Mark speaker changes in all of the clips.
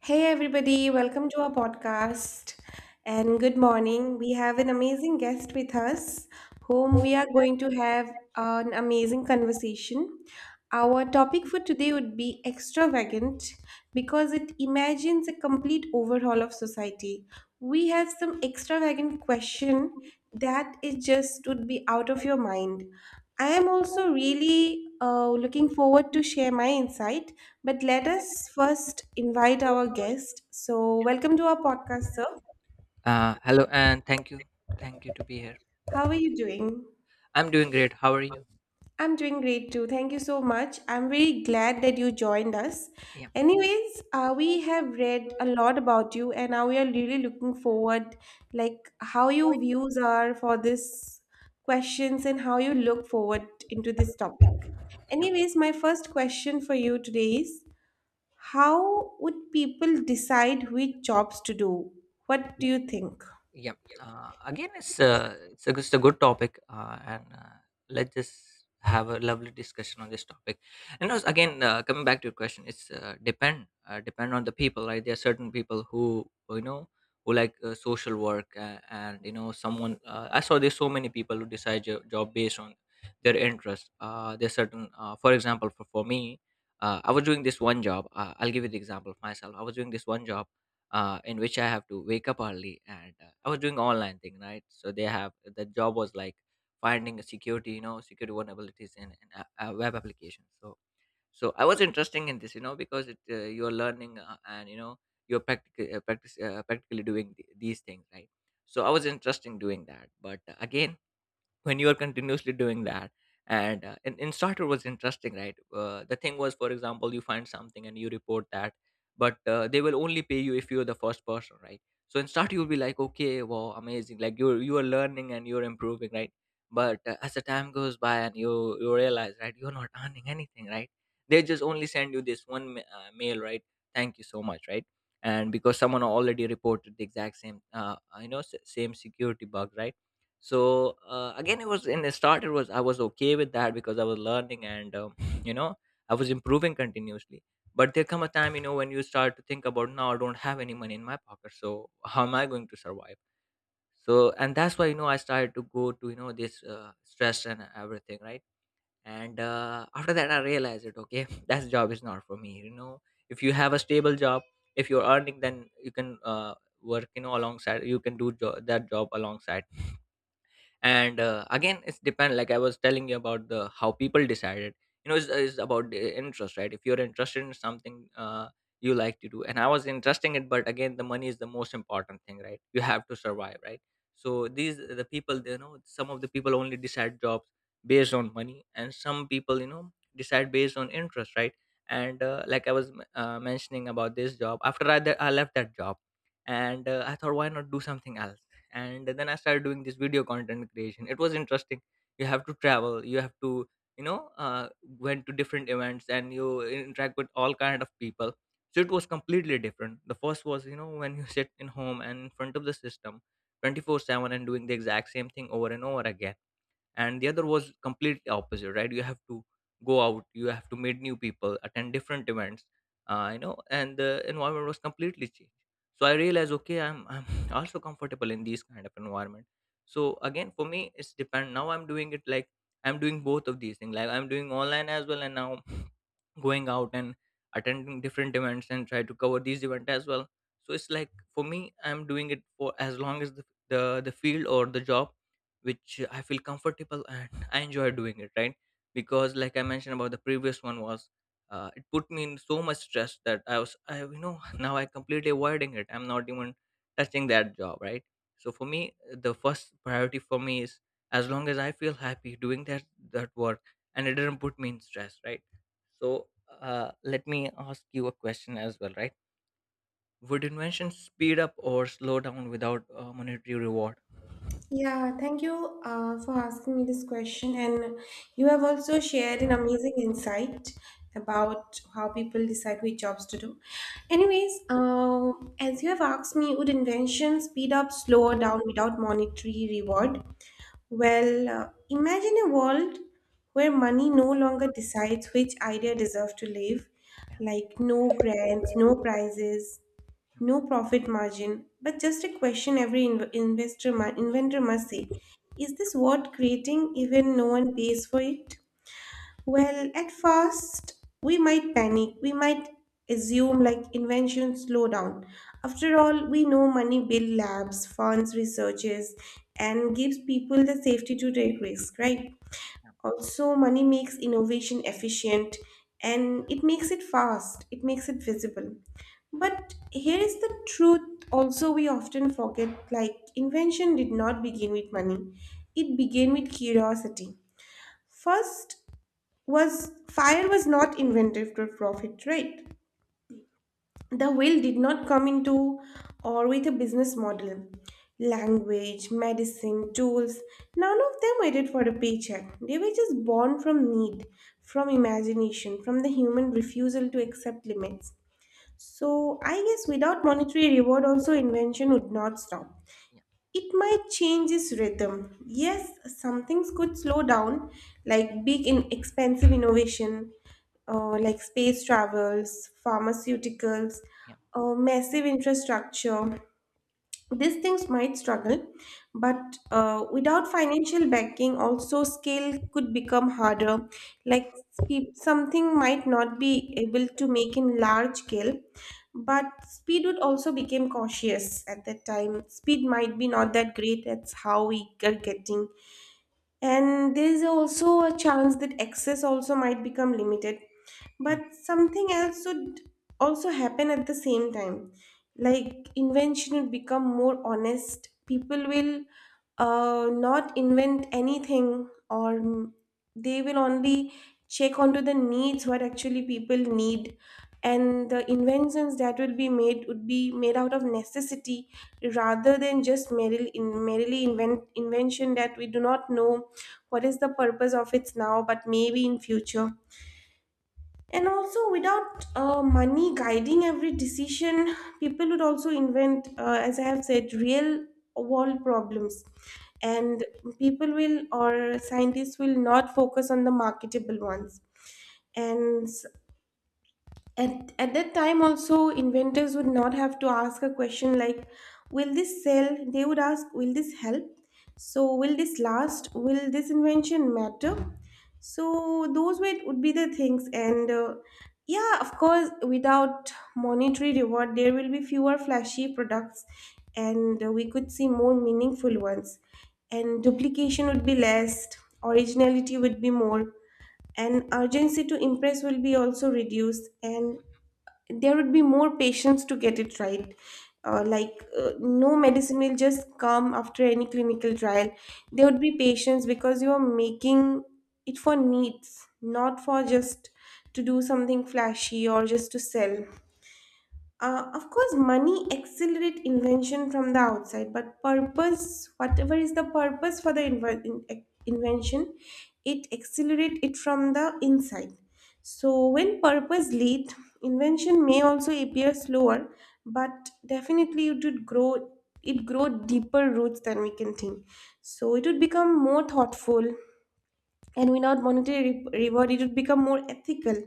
Speaker 1: Hey everybody, welcome to our podcast and good morning. We have an amazing guest with us whom we are going to have an amazing conversation. Our topic for today would be extravagant because it imagines a complete overhaul of society. We have some extravagant question that it just would be out of your mind. I am also really looking forward to share my insight but let us first invite our guest. So, welcome to our podcast, sir.
Speaker 2: Hello and thank you. Thank you to be here.
Speaker 1: How are you doing?
Speaker 2: I'm doing great. How are you?
Speaker 1: I'm doing great too. Thank you so much. I'm very glad that you joined us.
Speaker 2: Yeah,
Speaker 1: Anyways, we have read a lot about you, and now we are really looking forward, like how your views are for this questions and how you look forward into this topic.
Speaker 2: yeah. yeah.
Speaker 1: Anyways, my first question for you today is, how would people decide which jobs to do? What do you think?
Speaker 2: Yeah. Again, it's a good topic, and let's just have a lovely discussion on this topic. And also, again, coming back to your question, it's depend on the people, right? There are certain people who you know who like social work, and you know, someone. I saw there's so many people who decide job based on their interest. There's certain, for example, for me. I was doing this one job. I'll give you the example of myself. I was doing this one job in which I have to wake up early. And I was doing online thing, right? So they have the job was like finding a security, you know, security vulnerabilities in a web application. So I was interesting in this, you know, because it you're learning and you know you're practically doing these things, right? So I was interesting doing that, but again when you are continuously doing that and in starter was interesting, right? The thing was, for example, you find something and you report that, but they will only pay you if you're the first person, right? So in starter you'll be like, okay, wow, amazing, like you are learning and you're improving, right? But as the time goes by, and you realize, right, you're not earning anything, right? They just only send you this one mail, right? Thank you so much, right? And because someone already reported the exact same you know same security bug, right? So again, it was in the start, it was, I was okay with that because I was learning and you know I was improving continuously. But there come a time, you know, when you start to think about, now I don't have any money in my pocket, so how am I going to survive? So and that's why, you know, I started to go to, you know, this stress and everything, right? And after that I realized it, okay, that job is not for me, you know. If you have a stable job, if you're earning, then you can work, you know, alongside, you can do that job alongside. And again it's depend, like I was telling you about the how people decided, you know it's about the interest, right? If you're interested in something, you like to do, and I was interested in it, but again the money is the most important thing, right? You have to survive, right? So these the people, you know, some of the people only decide jobs based on money, and some people, you know, decide based on interest, right? And like I was mentioning about this job, after I left that job, and I thought, why not do something else? And then I started doing this video content creation. It was interesting. You have to travel, you have to, you know, went to different events and you interact with all kind of people. So it was completely different. The first was, you know, when you sit in home and in front of the system 24/7 and doing the exact same thing over and over again. And the other was completely opposite, right? You have to go out, you have to meet new people, attend different events, you know, and the environment was completely changed. So I realized, okay, I'm also comfortable in these kind of environment. So again for me it's depend. Now I'm doing it like I'm doing both of these things, like I'm doing online as well, and now going out and attending different events and try to cover these events as well. So it's like for me I'm doing it for as long as the the field or the job which I feel comfortable and I enjoy doing it, right? Because like I mentioned, about the previous one was it put me in so much stress that I was, I, you know, now I completely avoiding it, I'm not even touching that job, right? So for me the first priority for me is, as long as I feel happy doing that, that work, and it didn't put me in stress, right? So let me ask you a question as well, right? Would invention speed up or slow down without monetary reward?
Speaker 1: Yeah, thank you for asking me this question. And you have also shared an amazing insight about how people decide which jobs to do. Anyways, as you have asked me, would invention speed up, slow down without monetary reward? Well, imagine a world where money no longer decides which idea deserves to live,
Speaker 2: Yeah,
Speaker 1: like no grants, no prizes,
Speaker 2: yeah,
Speaker 1: no profit margin, but just a question every investor inventor must say. Is this worth creating even no one pays for it? Well, at first, we might panic. We might assume like invention slow down. After all, we know money builds labs, funds researches, and gives people the safety to take risk, right? Also, money makes innovation efficient and it makes it fast, it makes it visible. But here is the truth also we often forget like invention did not begin with money. It began with curiosity. First, was fire was not invented for profit, right? The will did not come into or with a business model, language, medicine, tools. None of them waited for a paycheck. They were just born from need, from imagination, from the human refusal to accept limits. So I guess without monetary reward also invention would not stop.
Speaker 2: yeah,
Speaker 1: It might change its rhythm. Yes, some things could slow down, like big in expensive innovation, like space travels, pharmaceuticals,
Speaker 2: yeah.
Speaker 1: massive infrastructure, these things might struggle, but without financial backing, also scale could become harder. Like something might not be able to make in large scale, but speed would also became cautious at that time. Speed might be not that great. That's how we are getting, and there is also a chance that access also might become limited, but
Speaker 2: mm,
Speaker 1: something else should also happen at the same time, like invention would become more honest. People will not invent anything, or they will only check onto the needs, what actually people need, and the inventions that will be made would be made out of necessity, rather than just merely invention that we do not know what is the purpose of it now, but maybe in future. And also, without money guiding every decision, people would also invent, as I have said, real world problems.
Speaker 2: yeah.
Speaker 1: And people will, or scientists will not focus on the marketable ones. And at that time, also, inventors would not have to ask a question like, will this sell? They would ask, will this help? So, will this last? Will this invention matter? So, those were, would be the things. And yeah, of course, without monetary reward, there will be fewer flashy products, and we could see more meaningful ones. And duplication would be less, originality would be more, and urgency to impress will be also reduced, and there would be more patience to get it right. No medicine will just come after any clinical trial. There would be patience because you are making it for needs, not for just to do something flashy or just to sell. Of course, money accelerate invention from the outside, but purpose, whatever is the purpose for the invention, it accelerate it from the inside. So when purpose lead, invention may also appear slower, but definitely it would grow. It grow deeper roots than we can think. So it would become more thoughtful, and without monetary reward it would become more ethical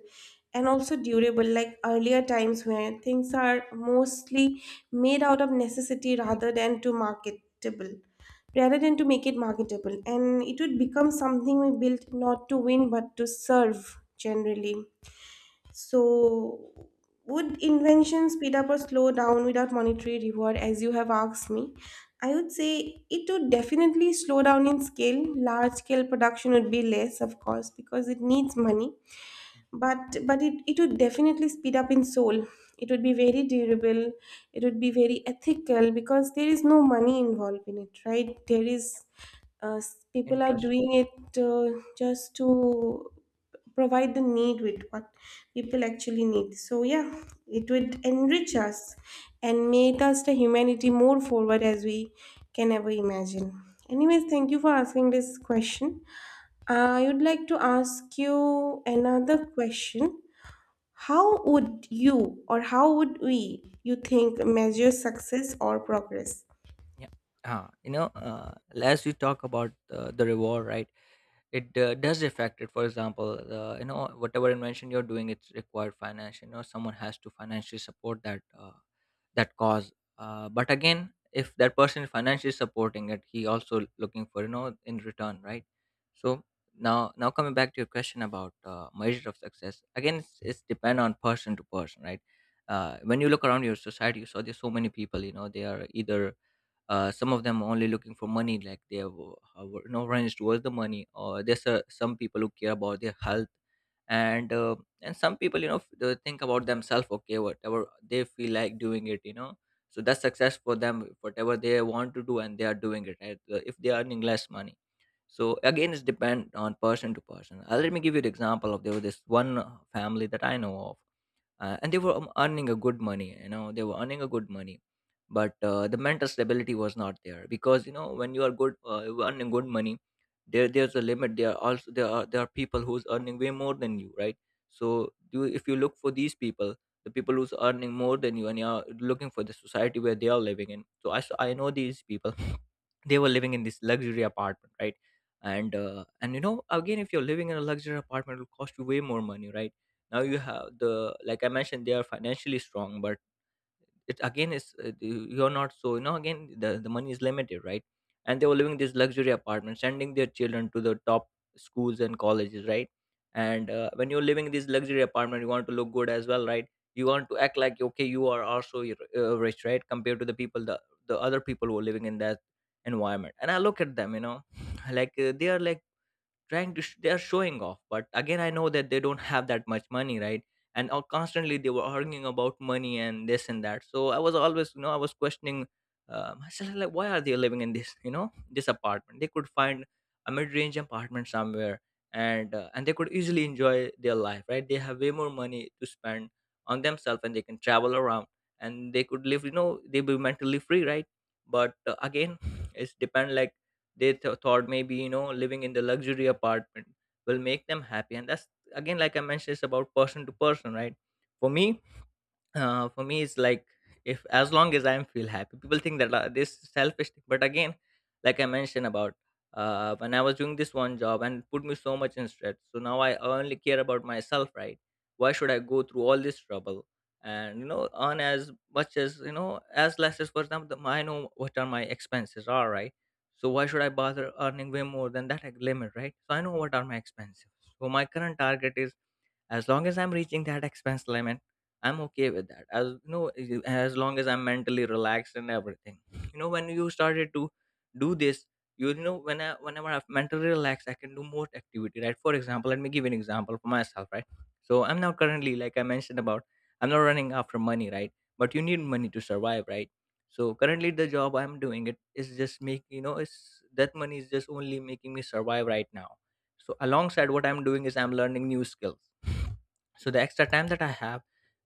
Speaker 1: and also durable, like earlier times when things are mostly made out of necessity, rather than to marketable, rather than to make it marketable, and it would become something we built not to win but to serve generally. So, would invention speed up or slow down without monetary reward, as you have asked me? I would say it would definitely slow down in scale. Large scale production would be less, of course, because it needs money. But it would definitely speed up in soul. It would be very durable. It would be very ethical because there is no money involved in it, right? There is people are
Speaker 2: Interest.
Speaker 1: doing it just to provide the need with what people actually need. So yeah, it would enrich us and make us the humanity more forward as we can ever imagine.
Speaker 2: Yeah,
Speaker 1: Anyways, thank you for asking this question. I would like to ask you another question. How would you, or how would we, you think measure success or progress?
Speaker 2: yeah. Ah, you know, as you talk about the reward, right? It does affect it. For example, you know, whatever invention you're doing, it's required finance. You know, someone has to financially support that. That cause but again if that person financially supporting it, he also looking for, you know, in return, right? So now coming back to your question about measure of success, again it's depend on person to person, right? When you look around your society, you saw there's so many people, you know, they are either, some of them only looking for money, like they have you know runs towards the money, or there's some people who care about their health. And and some people, you know, they think about themselves, okay, whatever they feel like doing it, you know. So that's success for them, whatever they want to do and they are doing it, right? If they are earning less money, so again it's depend on person to person. Let me give you an example of, there was this one family that I know of. And they were earning a good money, you know, they were earning a good money, but the mental stability was not there. Because you know when you are good, you are earning good money, there's a limit, there are there are people who's earning way more than you, right? So you, if you look for these people, the people who's earning more than you, and you are looking for the society where they are living in, so I I know these people. They were living in this luxury apartment, right? And and you know, again, if you're living in a luxury apartment, it will cost you way more money, right? Now you have the, like I mentioned, they are financially strong, but it again is, you're not, so you know again, the money is limited, right? And they were living these luxury apartments, sending their children to the top schools and colleges, right? And when you're living in this luxury apartment, you want to look good as well, right? You want to act like, okay, you are also rich, right, compared to the people, the other people who are living in that environment. And I look at them, you know, like they are like trying to they are showing off, but again I know that they don't have that much money, right? And constantly they were arguing about money and this and that, so I was always, you know, I was questioning myself like, why are they living in this, you know, this apartment? They could find a mid-range apartment somewhere. And and they could easily enjoy their life, right? They have way more money to spend on themselves and they can travel around, and they could live, you know, they be mentally free, right? But again it's depend, like they thought, maybe you know, living in the luxury apartment will make them happy. And that's, again, like I mentioned, it's about person to person, right? For me, for me it's like, if as long as I feel happy, people think that this is selfish thing. But again, like I mentioned about, when I was doing this one job and put me so much in stress, so now I only care about myself, right? Why should I go through all this trouble and, you know, earn as much as, you know, as less as, for example, I know what are my expenses are, right? So why should I bother earning way more than that, like, limit, right? So I know what are my expenses. So my current target is, as long as I'm reaching that expense limit, I'm okay with that, as you know. As long as I'm mentally relaxed and everything, you know, when you started to do this. You know, whenever I'm mentally relaxed I can do more activity, right? For example, let me give you an example for myself, right. So I'm now currently, like I mentioned about, I'm not running after money, right? But you need money to survive, right? So currently the job I'm doing, it is just make, you know, it's that money is just only making me survive right now. So alongside what I'm doing is I'm learning new skills. So the extra time that I have,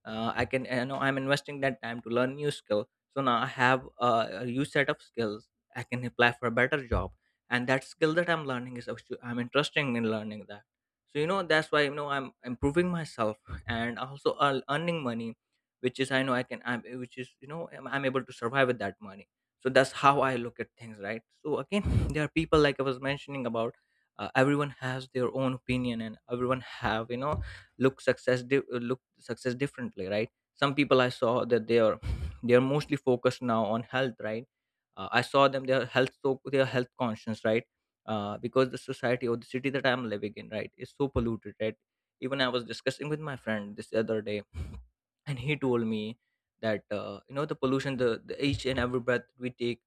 Speaker 2: I can, you know, I'm investing that time to learn new skill. So now I have a new set of skills, I can apply for a better job. And that skill that I'm learning is I'm interested in learning that. So, you know, that's why, you know, I'm improving myself and also earning money, which is, I know I can I'm which is you know, I'm able to survive with that money. So that's how I look at things, right. So again there are people, like I was mentioning about, everyone has their own opinion and everyone have, you know, look success differently, right. Some people I saw that they are they are mostly focused now on health, right. I saw them they are health, so they are health conscious, right. Because the society or the city that I'm living in, right, is so polluted, right. Even I was discussing with my friend this other day and he told me that, you know, the pollution, the each and every breath we take,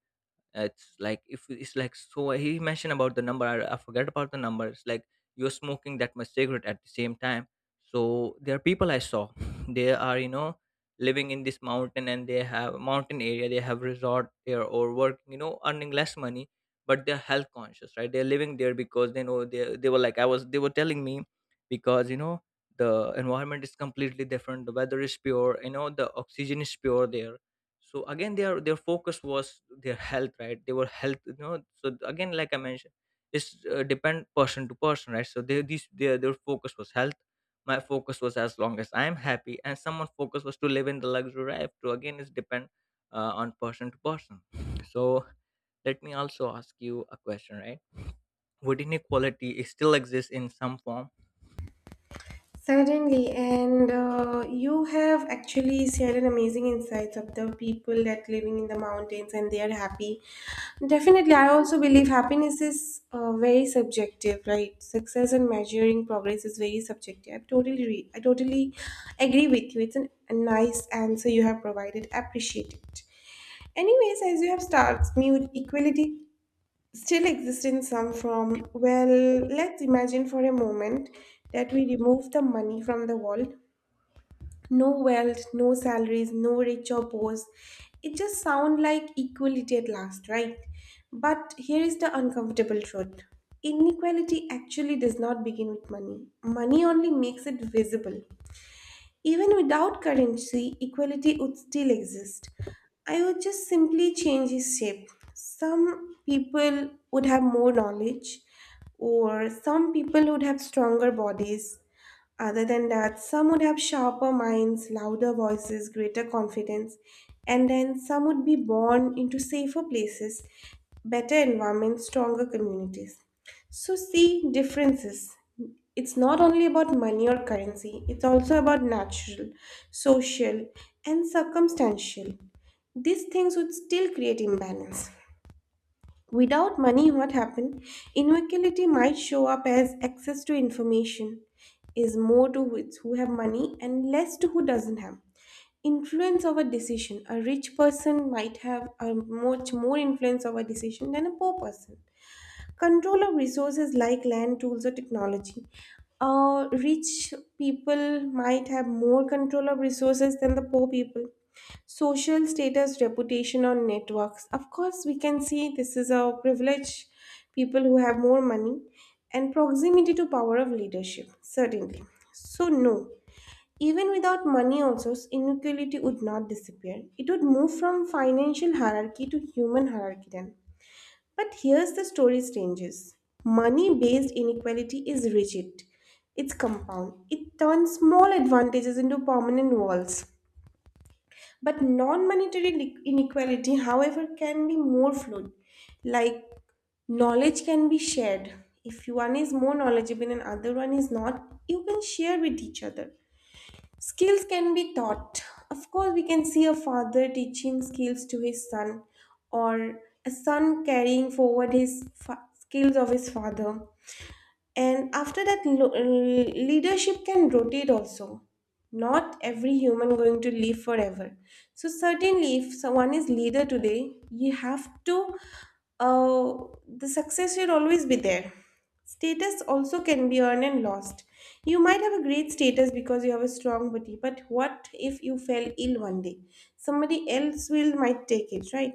Speaker 2: it's like, if it's like so he mentioned about the number, I forget about the number, it's like you're smoking that much cigarette at the same time. So there are people I saw they are, you know, living in this mountain and they have mountain area, they have resort there, or working, you know, earning less money, but they're health conscious, right. They're living there because they know, they were like I was they were telling me, because, you know, the environment is completely different, the weather is pure, you know, the oxygen is pure there. So again, their focus was their health, right. They were health, you know, so again, like I mentioned, it's depend person to person, right. So their focus was health. My focus was as long as I'm happy, and someone focus was to live in the luxury life. So again, it's depend on person to person. So let me also ask you a question, right. Would inequality is still exist in some form?
Speaker 1: Certainly, and you have actually shared an amazing insights of the people that living in the mountains and they are happy. Definitely, I also believe happiness is very subjective, right? Success and measuring progress is very subjective. I totally agree with you. It's a nice answer you have provided. Appreciate it. Anyways, as you have starts me with equality still exist in some form. Well, let's imagine for a moment that we remove the money from the world. No wealth, no salaries, no rich or poor. It just sounds like equality at last, right? But here is the uncomfortable truth. Inequality actually does not begin with money. Money only makes it visible. Even without currency, equality would still exist. I would just simply change its shape. Some people would have more knowledge, or some people would have stronger bodies. Other than that, some would have sharper minds, louder voices, greater confidence, and then some would be born into safer places, better environments, stronger communities. So, see differences. It's not only about money or currency, it's also about natural, social, and circumstantial. These things would still create imbalance. Without money, what happened? Inequality might show up as access to information is more to who have money and less to who doesn't have. Influence of a decision. A rich person might have a much more influence of a decision than a poor person. Control of resources like land, tools, or technology. Rich people might have more control of resources than the poor people. Social status, reputation, or networks. Of course, we can see this is a privilege, people who have more money, and proximity to power of leadership, certainly. So, no. Even without money, also, inequality would not disappear. It would move from financial hierarchy to human hierarchy then. But here's the story changes. Money based inequality is rigid, it's compound, it turns small advantages into permanent walls. But non monetary inequality, however, can be more fluid. Like knowledge can be shared. If one is more knowledgeable and other one is not, you can share with each other. Skills can be taught. Of course, we can see a father teaching skills to his son, or a son carrying forward his skills of his father. And after that, leadership can rotate also. Not every human going to live forever. So certainly, if someone is leader today, you have to. The success will always be there. Status also can be earned and lost. You might have a great status because you have a strong body, but what if you fell ill one day? Somebody else will might take it, right?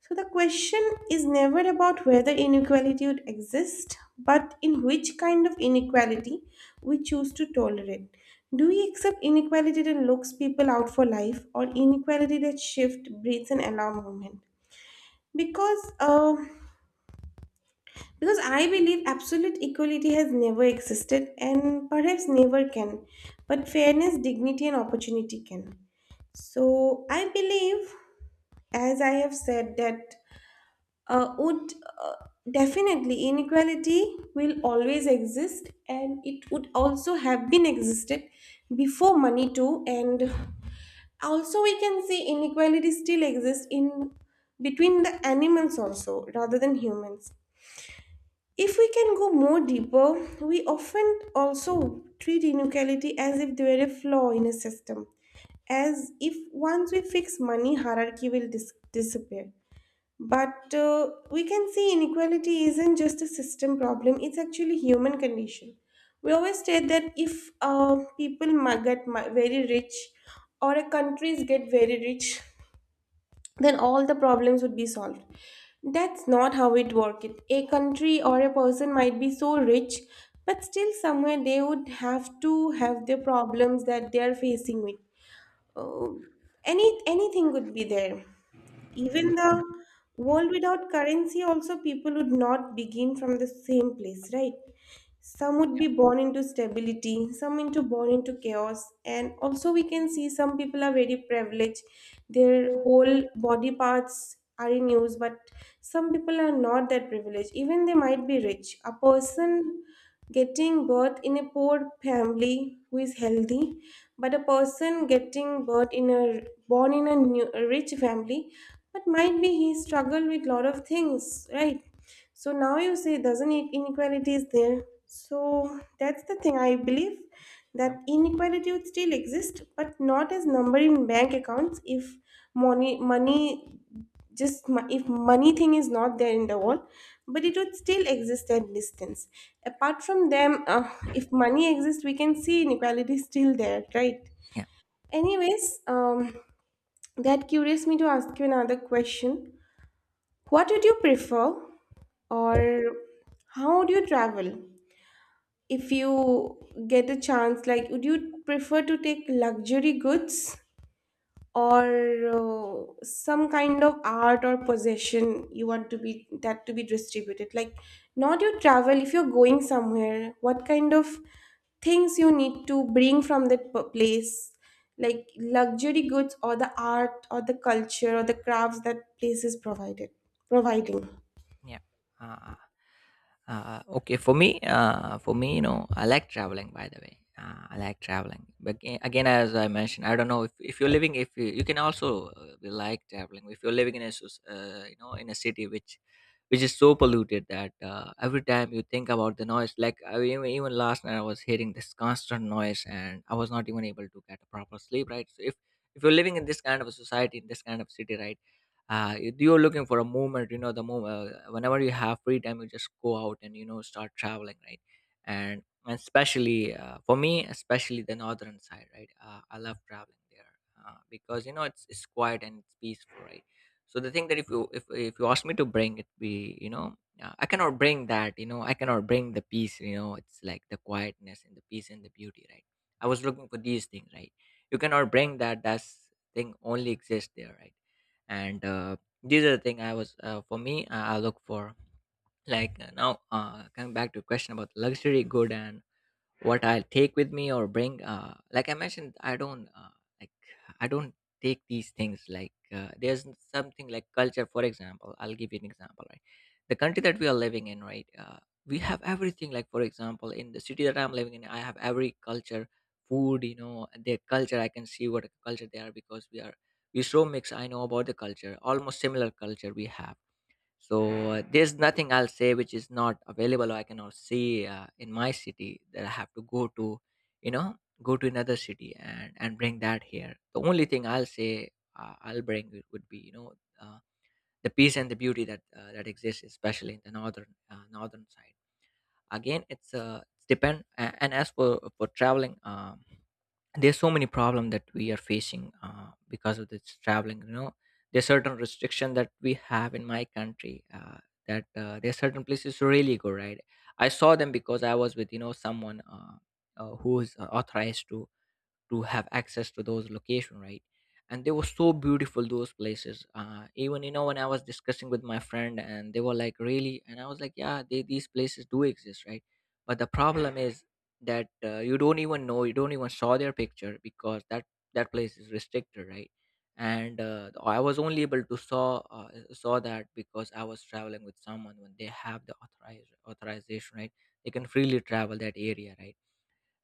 Speaker 1: So the question is never about whether inequality would exist, but in which kind of inequality we choose to tolerate. Do we accept inequality that locks people out for life, or inequality that shift, breeds, and allow movement? Because, uh, because I believe absolute equality has never existed, and perhaps never can. But fairness, dignity, and opportunity can. So I believe, as I have said, that would uh, definitely inequality will always exist, and it would also have been existed before money too. And also we can see inequality still exists in between the animals also rather than humans. If we can go more deeper, we often also treat inequality as if there were a flaw in a system, as if once we fix money hierarchy will disappear. But we can see inequality isn't just a system problem, it's actually human condition. We always state that if people get very rich or a countries get very rich, then all the problems would be solved. That's not how it works. A country or a person might be so rich, but still somewhere they would have to have the problems that they are facing with. Uh, Anything could be there, even the world without currency, also, people would not begin from the same place, right? Some would be born into stability, some into born into chaos, and also we can see some people are very privileged. Their whole body parts are in use, but some people are not that privileged. Even they might be rich. A person getting birth in a poor family who is healthy, but a person getting birth in a born in a, new, a rich family, but might be he struggled with lot of things, right? So now you say doesn't it inequality is there. So that's the thing. I believe that
Speaker 2: um,
Speaker 1: inequality would still exist, but not as number in bank accounts if money money if money thing is not there in the world, but it would still exist at distance apart from them. If money exists, we can see inequality still there, right?
Speaker 2: yeah,
Speaker 1: Anyways, that curious me to ask you another question. What would you prefer, or how would you travel if you get a chance? Like, would you prefer to take luxury goods or some kind of art or possession you want to be that to be distributed? Like, not your travel. If you're going somewhere, what kind of things you need to bring from that place? Like luxury goods or the art or the culture or the crafts that place is provided providing.
Speaker 2: yeah, yeah. uh, okay, for me, you know, I like traveling. By the way, I like traveling. But again, as I mentioned, I don't know if you're living, if you can also be like traveling. If you're living in a you know, in a city which is so polluted that, every time you think about the noise, like even last night I was hearing this constant noise and I was not even able to get a proper sleep. Right. So if you're living in this kind of a society, in this kind of city, right, you're looking for a movement, you know, the move whenever you have free time you just go out and, you know, start traveling, right. And especially, for me, especially the northern side, right. I love traveling there, because, you know, it's quiet and it's peaceful, right. So the thing that, if you ask me to bring it, be, you know, I cannot bring that, you know, I cannot bring the peace, you know, it's like the quietness and the peace and the beauty, right. I was looking for these things, right. You cannot bring that, that's thing only exists there, right. And these are the thing I was, for me, I look for. Like, now, coming back to question about luxury good and what I'll take with me or bring. Like I mentioned, like I don't take these things. Like, there's something like culture, for example. I'll give you an example. Right, the country that we are living in, right, we have everything. Like, for example, in the city that I'm living in, I have every culture, food. You know, and their culture. I can see what culture they are because we so mixed. I know about the culture, almost similar culture we have. So there's nothing I'll say which is not available or I cannot see in my city, that I have to go to, you know, go to another city and bring that here. The only thing I'll say, I'll bring, it would be, you know, uh, the peace and the beauty that, that exists, especially in the northern, northern side. Again, it's depend and as for traveling. There's so many problems that we are facing, because of this traveling, you know, there's certain restriction that we have in my country, that, there's certain places to really go, right. I saw them because I was with, you know, someone, who is authorized to have access to those location, right. And they were so beautiful, those places, even, you know, when I was discussing with my friend and they were like, really? And I was like, yeah, these places do exist, right. But the problem is that, you don't even know, you don't even saw their picture because that place is restricted, right. And I was only able to saw, saw that because I was traveling with someone when they have the authorized authorization, right. They can freely travel that area, right.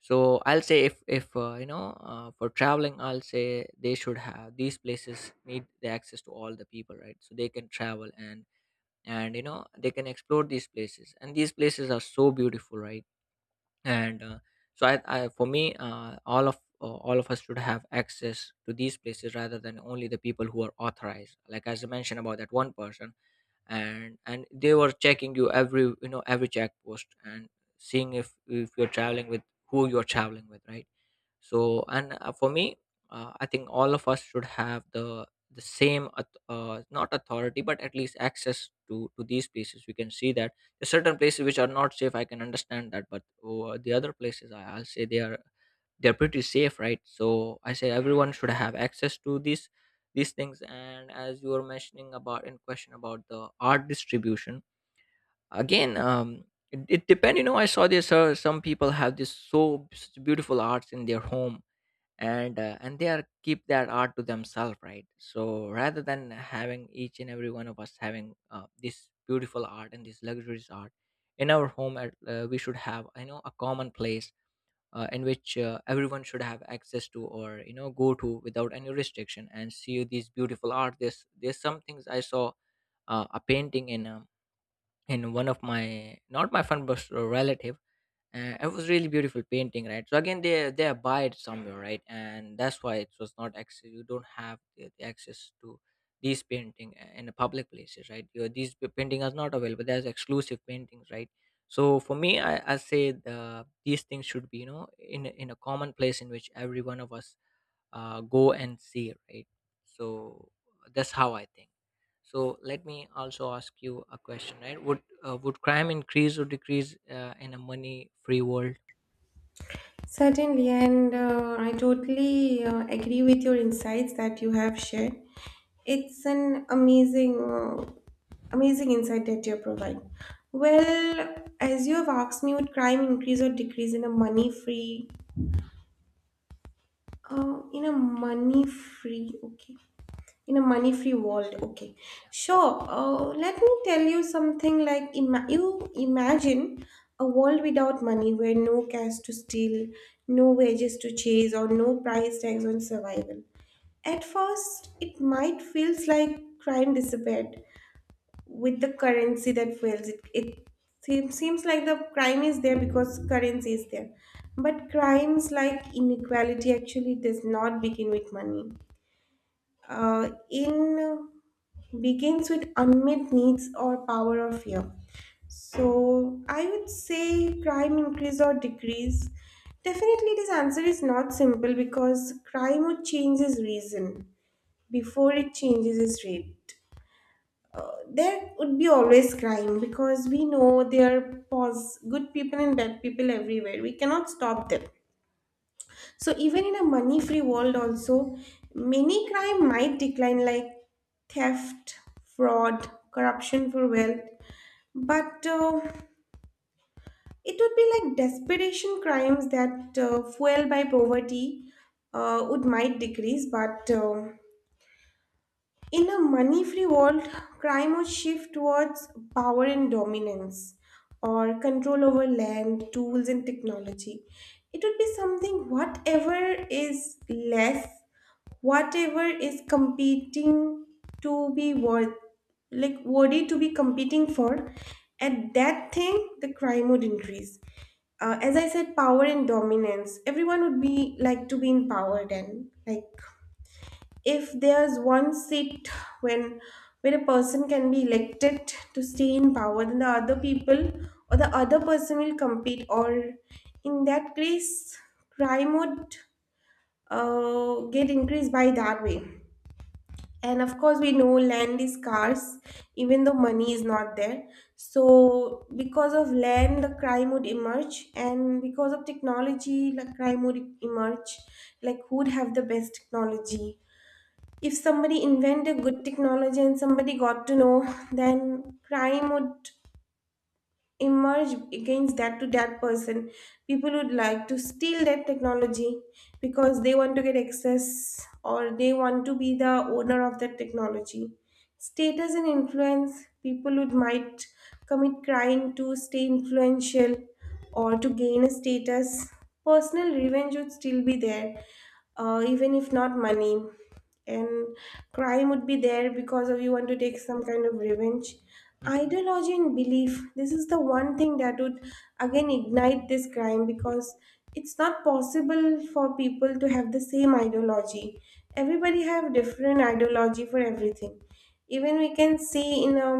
Speaker 2: So I'll say if you know, for traveling, I'll say they should have these places need the access to all the people, right, so they can travel and, you know, they can explore these places, and these places are so beautiful, right. And so I for me, all of us should have access to these places, rather than only the people who are authorized, like as I mentioned about that one person. And they were checking you every, you know, every check post and seeing if you're traveling with, who you're traveling with, right. So and for me, I think all of us should have the same not authority, but at least access to these places. We can see that there's certain places which are not safe, I can understand that. But the other places, I'll say they're pretty safe, right. So I say everyone should have access to these things. And as you were mentioning about, in question about the art distribution, again, it depends, you know, I saw this, some people have this so beautiful arts in their home, and they are keep that art to themselves, right. So rather than having each and every one of us having, this beautiful art and this luxurious art in our home at, we should have, you know, a common place, in which, everyone should have access to, or you know, go to without any restriction, and see these beautiful art. There's some things I saw, a painting in, in one of my, not my friend but a relative. It was really beautiful painting, right. So again, they buy it somewhere, right, and that's why it was not access, you don't have the access to these painting, in the public places, right. you These painting are not available, there's exclusive paintings, right. So for me, I say these things should be, you know, in in a common place in which every one of us go and see, right. So that's how I think. So let me also ask you a question, right. Would crime increase or decrease in a money free world?
Speaker 1: Certainly, and I totally agree with your insights that you have shared. It's an amazing, amazing insight that you provide. Well, as you have asked me, would crime increase or decrease in a money free? Okay, in a money free world. Okay, sure. Let me tell you something. Like, you imagine a world without money, where no cash to steal, no wages to chase, or no price tags on survival. At first it might feels like crime disappeared with the currency that fails it. Seems, seems like the crime is there because currency is there, but crimes like inequality actually does not begin with money. In Begins with unmet needs or power or fear. So I would say crime increase or decrease. Definitely, this answer is not simple because crime would change its reason before it changes its rate. There would be always crime because we know there are good people and bad people everywhere. We cannot stop them. So even in a money-free world, also many crime might decline, like theft, fraud, corruption for wealth. But it would be like desperation crimes that fueled by poverty would might decrease, but in a money free world, crime would shift towards power and dominance, or control over land, tools, and technology. It would be something whatever is less, whatever is competing to be worth, like worthy to be competing for, at that thing, the crime would increase. As I said, power and dominance. Everyone would be like to be in power then, like if there's one seat, when when a person can be elected to stay in power, then the other people or the other person will compete, or in that case crime would get increased by that way. And of course we know land is scarce even though money is not there, so because of land the crime would emerge, and because of technology the crime would emerge. Like, who would have the best technology? If somebody invented good technology and somebody got to know, then crime would emerge against that, to that person. People would like to steal that technology because they want to get access or they want to be the owner of that technology. Status and influence, people would might commit crime to stay influential or to gain a status. Personal revenge would still be there, even if not money. And crime would be there because of you want to take some kind of revenge.
Speaker 2: Hmm.
Speaker 1: Ideology and belief, this is the one thing that would again ignite this crime, because it's not possible for people to have the same ideology. Everybody have different ideology for everything. Even we can see in a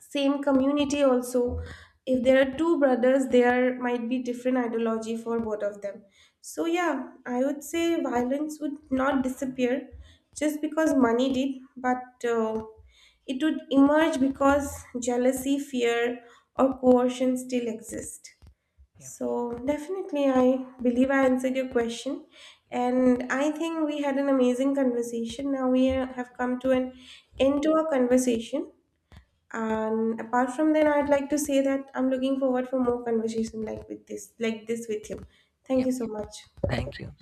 Speaker 1: same community also, if there are two brothers, there might be different ideology for both of them. So yeah, I would say violence would not disappear just because money did, but it would emerge because jealousy, fear, or coercion still exist.
Speaker 2: Yeah,
Speaker 1: So, definitely, I believe I answered your question.
Speaker 2: yeah,
Speaker 1: And I think we had an amazing conversation. Now we have come to an end to our conversation. And apart from that, I'd like to say that I'm looking forward for more conversation like with this, like this with you. Thank
Speaker 2: yeah.
Speaker 1: you so much.
Speaker 2: Thank you.